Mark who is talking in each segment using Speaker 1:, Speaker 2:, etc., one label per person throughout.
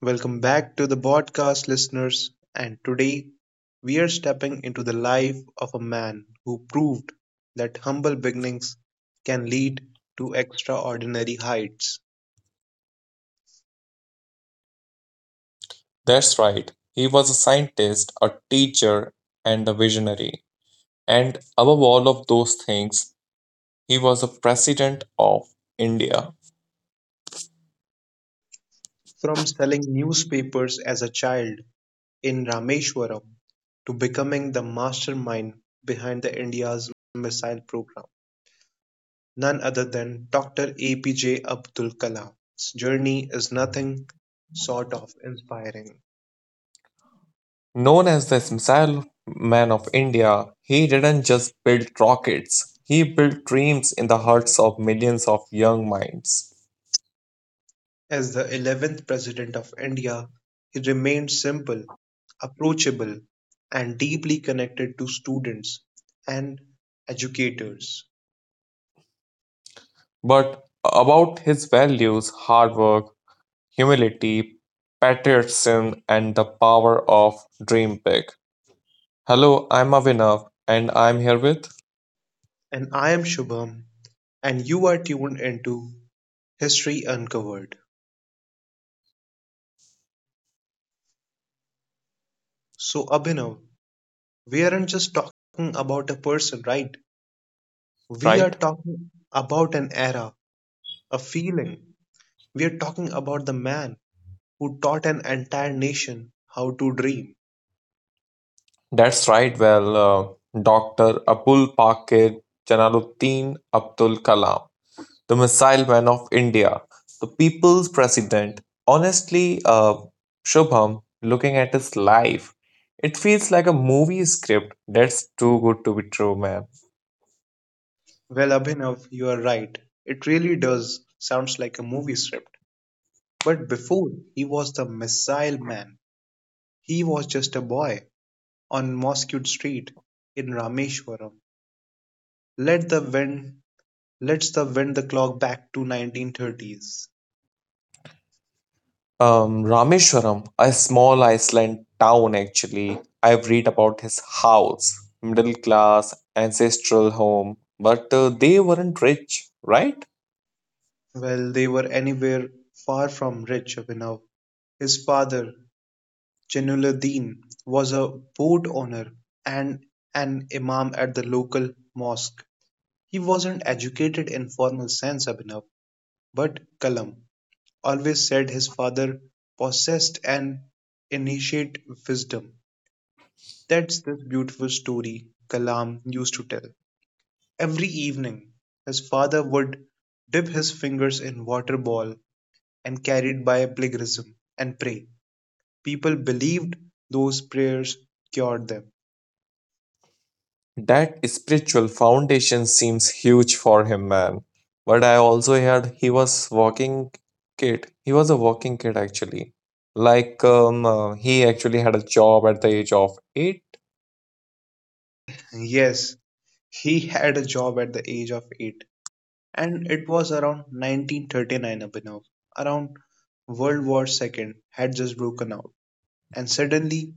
Speaker 1: Welcome back to the podcast, listeners. And today we are stepping into the life of a man who proved that humble beginnings can lead to extraordinary heights.
Speaker 2: That's right. He was a scientist, a teacher, and a visionary. And above all of those things, he was the president of India.
Speaker 1: From selling newspapers as a child in Rameshwaram to becoming the mastermind behind the India's missile program, none other than Dr. APJ Abdul Kalam's journey is nothing short of inspiring.
Speaker 2: Known as the Missile Man of India, he didn't just build rockets, he built dreams in the hearts of millions of young minds.
Speaker 1: As the 11th President of India, he remained simple, approachable, and deeply connected to students and educators.
Speaker 2: But about his values, hard work, humility, patriotism, and the power of dream big. Hello, I'm Avinav, and I'm here with,
Speaker 1: And I am Shubham, and you are tuned into History Uncovered. So, Abhinav, we aren't just talking about a person, right? We are
Speaker 2: right?
Speaker 1: talking about an era, a feeling. We are talking about the man who taught an entire nation how to dream.
Speaker 2: That's right. Well, Dr. Abul Pakir Jalaluddin Abdul Kalam, the missile man of India, the people's president. Honestly, Shubham, looking at his life, it feels like a movie script. That's too good to be true, man.
Speaker 1: Well, Abhinav, you are right. It really does sounds like a movie script. But before, he was the missile man, he was just a boy on Mosque Street in Rameshwaram. Let the wind let's the wind the clock back to 1930s.
Speaker 2: Rameshwaram, a small Iceland town actually. I've read about his house, middle class, ancestral home, but they weren't rich, right?
Speaker 1: Well, they were anywhere far from rich, Abhinav. His father, Jainuddin, was a boat owner and an imam at the local mosque. He wasn't educated in formal sense, Abhinav, but Kalam always said his father possessed an initiate wisdom. That's this beautiful story Kalam used to tell. Every evening, his father would dip his fingers in water ball and carried by plagiarism and pray. People believed those prayers cured them.
Speaker 2: That spiritual foundation seems huge for him, man. But I also heard he was walking kid. He was a walking kid actually. Like he actually had a job at the age of 8.
Speaker 1: Yes, he had a job at the age of 8, and it was around 1939, Abhinav, around World War II had just broken out, and suddenly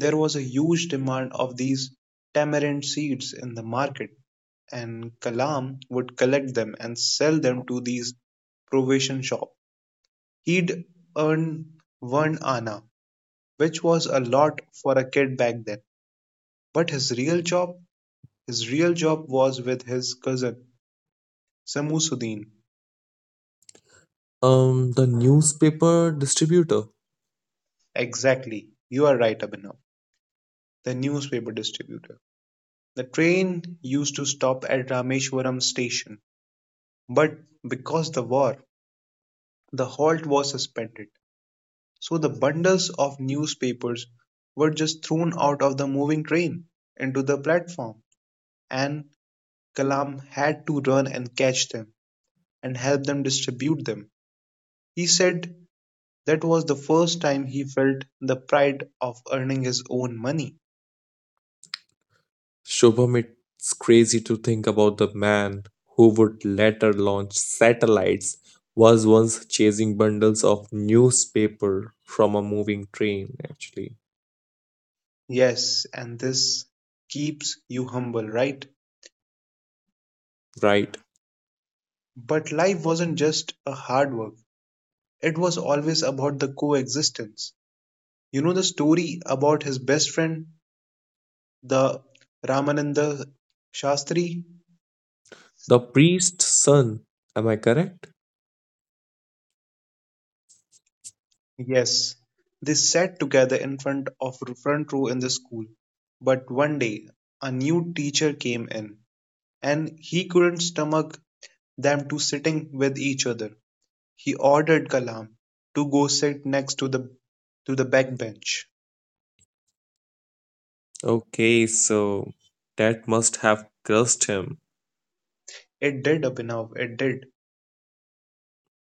Speaker 1: there was a huge demand of these tamarind seeds in the market, and Kalam would collect them and sell them to these provision shop. He'd earn one anna, which was a lot for a kid back then. But his real job was with his cousin Samusuddin.
Speaker 2: The newspaper distributor
Speaker 1: Exactly, you are right, Abhinav, the newspaper distributor. The train used to stop at Rameshwaram station, but because of the war, the halt was suspended. So the bundles of newspapers were just thrown out of the moving train into the platform, and Kalam had to run and catch them and help them distribute them. He said that was the first time he felt the pride of earning his own money.
Speaker 2: Shubham, it's crazy to think about the man who would later launch satellites was once chasing bundles of newspaper from a moving train, actually.
Speaker 1: Yes, and this keeps you humble, right?
Speaker 2: Right.
Speaker 1: But life wasn't just a hard work, it was always about the coexistence. You know the story about his best friend, the Ramananda Shastri?
Speaker 2: The priest's son. Am I correct?
Speaker 1: Yes, they sat together in front of front row in the school. But one day, a new teacher came in, and he couldn't stomach them two sitting with each other. He ordered Kalam to go sit next to the back bench.
Speaker 2: Okay, so that must have cursed him.
Speaker 1: It did, Abhinav, it did.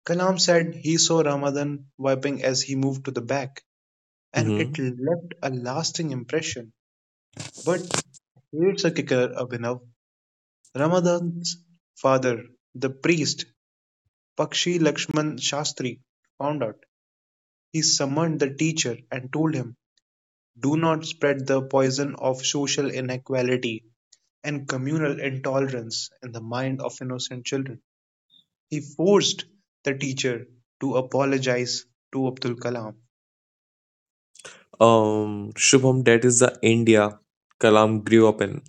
Speaker 1: Kalam said he saw Ramadan wiping as he moved to the back, and it
Speaker 2: hmm
Speaker 1: left a lasting impression. But here's a kicker, Abhinav. Ramadan's father, the priest Pakshi Lakshman Shastri, found out. He summoned the teacher and told him, "Do not spread the poison of social inequality and communal intolerance in the mind of innocent children." He forced the teacher to apologize to Abdul Kalam.
Speaker 2: Shubham, that is the India Kalam grew up in.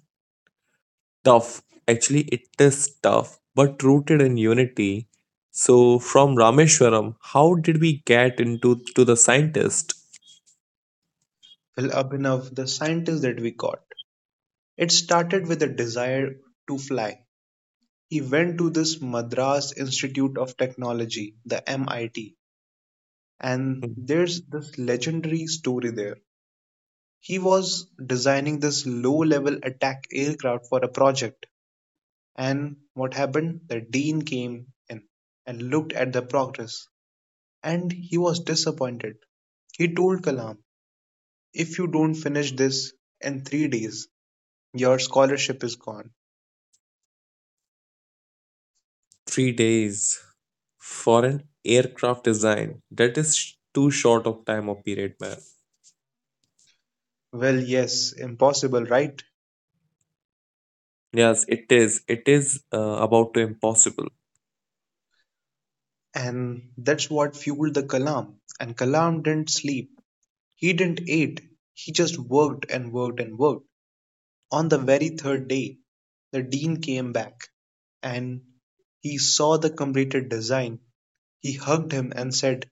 Speaker 2: Tough. Actually, it is tough, but rooted in unity. So, from Rameshwaram, how did we get into to the scientist?
Speaker 1: Well, Abhinav, the scientist that we got, it started with a desire to fly. He went to this Madras Institute of Technology, the MIT, and
Speaker 2: Hmm,
Speaker 1: there's this legendary story there. He was designing this low level attack aircraft for a project, and what happened? The dean came in and looked at the progress, and he was disappointed. He told Kalam, "If you don't finish this in 3 days, your scholarship is gone."
Speaker 2: 3 days for an aircraft design. That is too short of time or period, man.
Speaker 1: Well, yes, impossible, right?
Speaker 2: Yes, it is. It is about to impossible.
Speaker 1: And that's what fueled the Kalam. And Kalam didn't sleep. He didn't eat. He just worked and worked and worked. On the very third day, the dean came back, and he saw the completed design. He hugged him and said,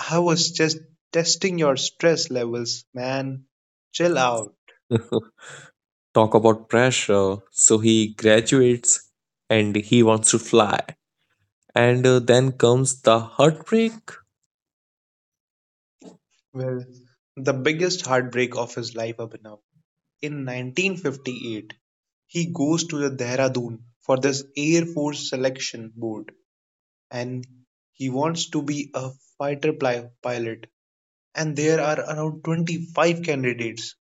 Speaker 1: "I was just testing your stress levels, man. Chill out."
Speaker 2: Talk about pressure. So he graduates and he wants to fly. And then comes the heartbreak.
Speaker 1: Well, the biggest heartbreak of his life, Abhinav. In 1958, he goes to the Dehradun for this Air Force selection board, and he wants to be a fighter pilot, and there are around 25 candidates,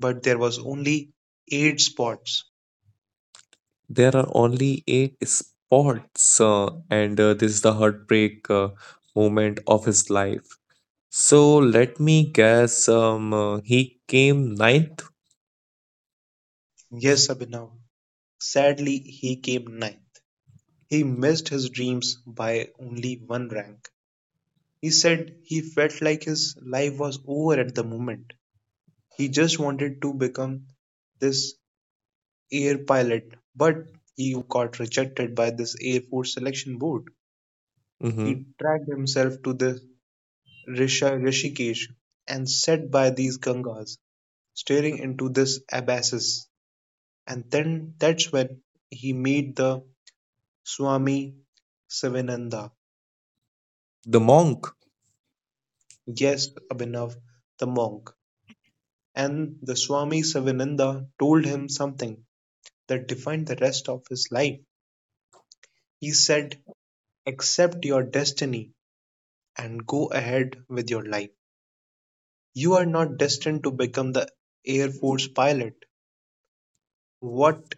Speaker 1: but there was only 8 spots.
Speaker 2: There are only eight spots, and this is the heartbreak moment of his life. So let me guess, he came ninth.
Speaker 1: Yes, Abhinav. Sadly, he came ninth. He missed his dreams by only one rank. He said he felt like his life was over at the moment. He just wanted to become this air pilot, but he got rejected by this Air Force selection board. He
Speaker 2: Hmm.
Speaker 1: dragged himself to the Risha Rishikesh and sat by these Gangas, staring into this abysses. And then that's when he made the Swami Sivananda.
Speaker 2: The monk.
Speaker 1: Yes, Abhinav, the monk. And the Swami Sivananda told him something that defined the rest of his life. He said, "Accept your destiny and go ahead with your life. You are not destined to become the Air Force pilot. What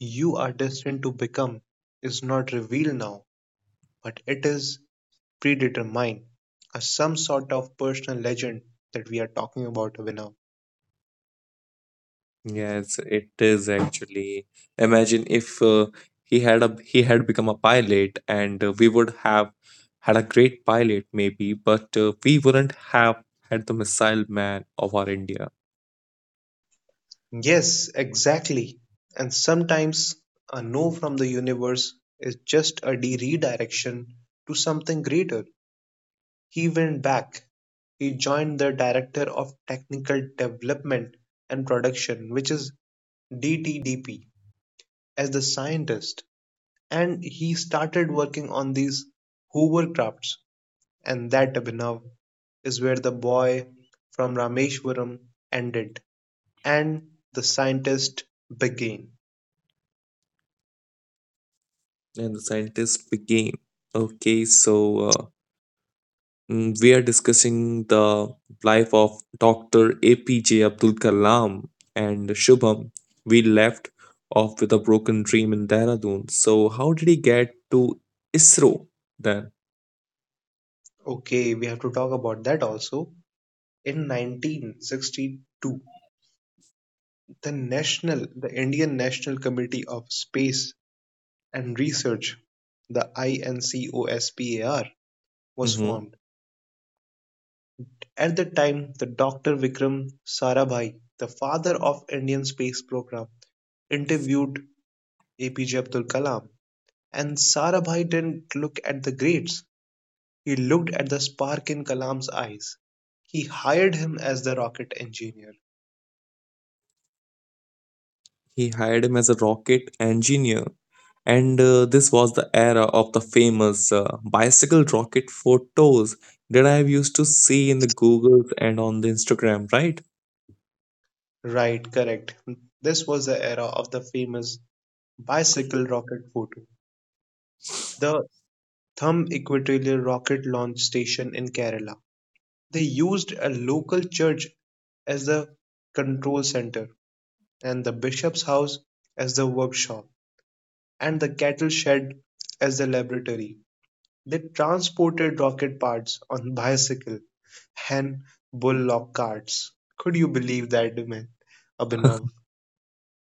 Speaker 1: you are destined to become is not revealed now, but it is predetermined, as some sort of personal legend that we are talking about, now."
Speaker 2: Yes, it is actually. Imagine if he had become a pilot, and we would have had a great pilot maybe, but we wouldn't have had the missile man of our India,
Speaker 1: Yes, exactly. And sometimes a no from the universe is just a redirection to something greater. He went back; he joined the Director of Technical Development and Production, which is DTDP, as the scientist, and he started working on these hovercrafts, and that, Abhinav, is where the boy from Rameshwaram ended and the scientist began.
Speaker 2: and the scientist became. Okay, so uh, we are discussing the life of Dr. APJ Abdul Kalam and Shubham. We left off with a broken dream in Dehradun. So, how did he get to ISRO then?
Speaker 1: Okay, we have to talk about that also. In 1962, the National, the Indian National Committee of Space and Research, the INCOSPAR, was
Speaker 2: Mhm.
Speaker 1: formed. At that time, the Dr. Vikram Sarabhai, the father of Indian space program, interviewed APJ Abdul Kalam, and Sarabhai didn't look at the grades. He looked at the spark in Kalam's eyes. He hired him as the rocket engineer.
Speaker 2: He hired him as a rocket engineer, and this was the era of the famous bicycle rocket photos that I've used to see in the Googles and on the Instagram, right?
Speaker 1: Right, correct. This was the era of the famous bicycle rocket photo, the Thumb Equatorial Rocket Launch Station in Kerala. They used a local church as the control center, and the bishop's house as the workshop, and the cattle shed as the laboratory. They transported rocket parts on bicycle and bullock carts. Could you believe that, man? Abhinav?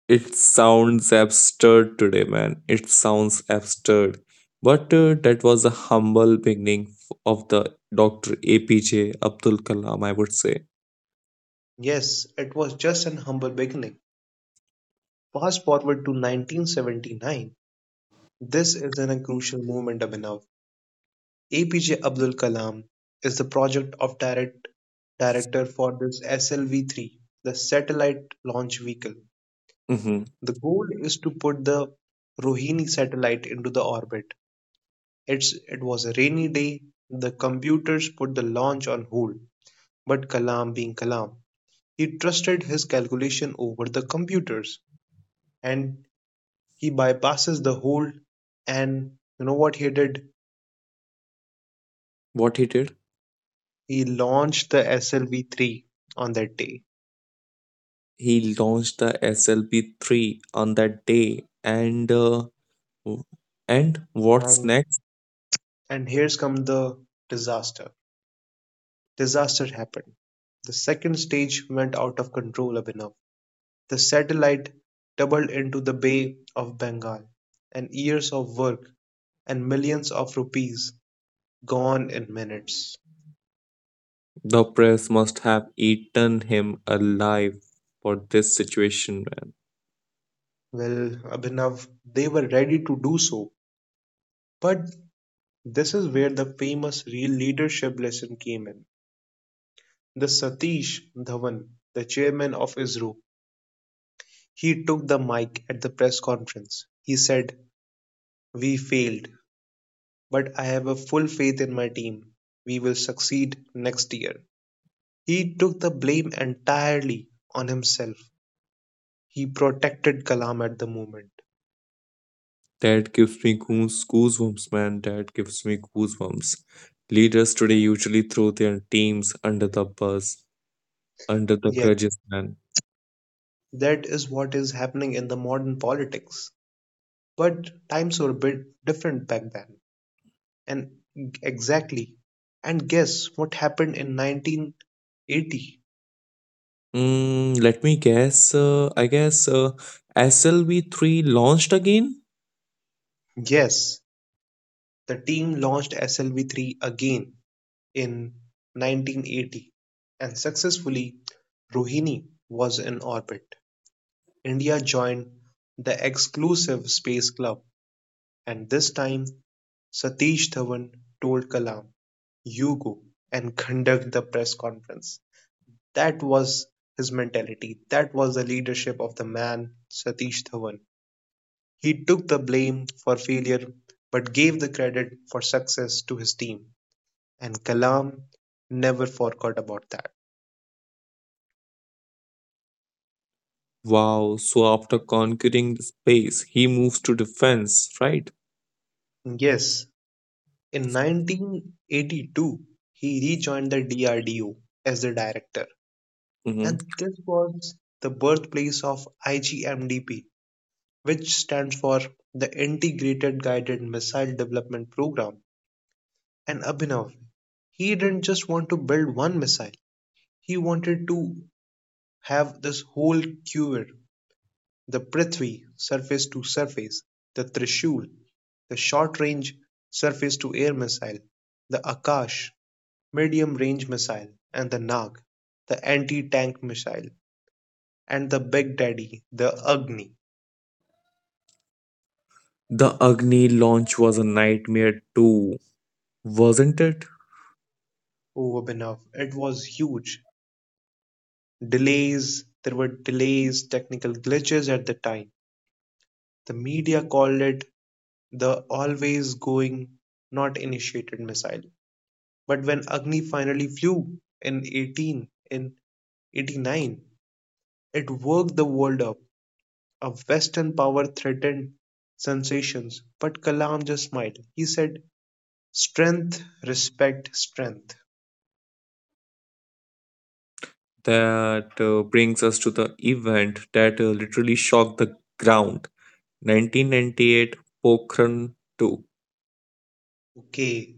Speaker 2: It sounds absurd today, man. It sounds absurd. But that was the humble beginning of the Dr. APJ Abdul Kalam, I would say.
Speaker 1: Yes, it was just an humble beginning. Fast forward to 1979. This is in a crucial moment, Abhinav. APJ Abdul Kalam is the project of director for this SLV-3, the satellite launch vehicle.
Speaker 2: Mhm.
Speaker 1: The goal is to put the Rohini satellite into the orbit. It was a rainy day. The computers put the launch on hold, but Kalam, being Kalam, he trusted his calculation over the computers, and he bypasses the hold. And you know what he did?
Speaker 2: What he did?
Speaker 1: He launched the SLV-3 on that day,
Speaker 2: He launched the SLP3 on that day. And w- and what's
Speaker 1: and
Speaker 2: next?
Speaker 1: And here's come the disaster. Disaster happened. The second stage went out of control enough. The satellite doubled into the Bay of Bengal, and years of work and millions of rupees gone in minutes.
Speaker 2: The press must have eaten him alive for this situation.
Speaker 1: Well, Abhinav, they were ready to do so. But this is where the famous real leadership lesson came in. The Satish Dhawan, the chairman of ISRO, he took the mic at the press conference. He said, "We failed, but I have a full faith in my team. We will succeed next year." He took the blame entirely on himself. He protected Kalam at the moment.
Speaker 2: That gives me goosebumps, man. That gives me goosebumps. Leaders today usually throw their teams under the bus, under the
Speaker 1: Yes,
Speaker 2: grudges, man.
Speaker 1: that is what is happening in the modern politics. But times were a bit different back then. And exactly. And guess what happened in 1980?
Speaker 2: Mm, let me guess. I guess SLV3 launched again.
Speaker 1: Yes, the team launched SLV-3 again in 1980, and successfully Rohini was in orbit. India joined the exclusive space club, and this time Satish Dhawan told Kalam, "You go and conduct the press conference." That was his mentality. That was the leadership of the man Satish Dhawan. He took the blame for failure but gave the credit for success to his team. And Kalam never forgot about that.
Speaker 2: Wow. So after conquering the space, he moves to defense, right?
Speaker 1: Yes, in 1982, he rejoined the DRDO as the director,
Speaker 2: Hmm.
Speaker 1: and this was the birthplace of IGMDP, which stands for the Integrated Guided Missile Development Program. And Abhinav, he didn't just want to build one missile, he wanted to have this whole quiver, the Prithvi surface to surface, the Trishul, the short range surface to air missile, the Akash medium-range missile, and the Nag, the anti-tank missile, and the Big Daddy, the Agni.
Speaker 2: The Agni launch was a nightmare too, wasn't it?
Speaker 1: Over Abhinav, it was huge. Delays, there were delays, technical glitches at the time. The media called it the always going, not initiated missile. But when Agni finally flew in 18, in 89, it woke the world up. A Western power threatened sensations, but Kalam just smiled. He said, "Strength, respect, strength."
Speaker 2: That brings us to the event that literally shocked the ground 1998 Pokhran 2.
Speaker 1: Okay,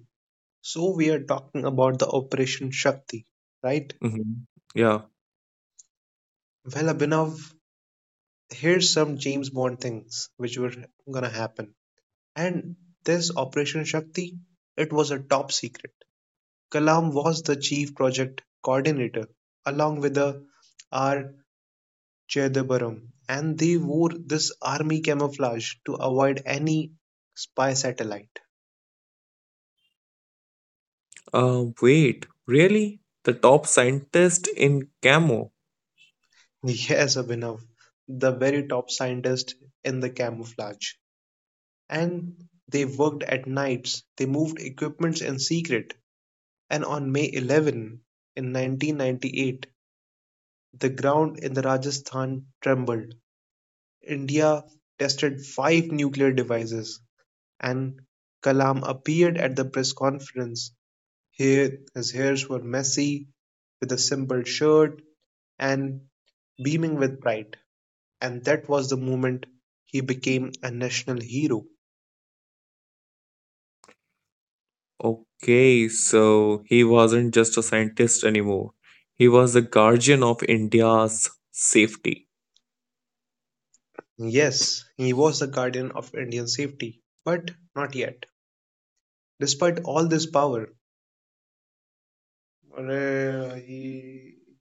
Speaker 1: so we are talking about the Operation Shakti, right?
Speaker 2: Mhm. Yeah.
Speaker 1: Well, Abhinav, here's some James Bond things which were gonna happen. And this Operation Shakti, it was a top secret. Kalam was the chief project coordinator along with the R. Jayadavaram, and they wore this army camouflage to avoid any spy satellite.
Speaker 2: Wait, really? The top scientist in Camo?
Speaker 1: Yes, Abhinav, the very top scientist in the camouflage. And they worked at nights, they moved equipments in secret. And on May 11, in 1998, the ground in the Rajasthan trembled. India tested five nuclear devices, and Kalam appeared at the press conference. Here, his hairs were messy, with a simple shirt, and beaming with pride. And that was the moment he became a national hero.
Speaker 2: Okay, so he wasn't just a scientist anymore. He was the guardian of India's safety.
Speaker 1: Yes, he was the guardian of Indian safety, but not yet. Despite all this power, अरे, he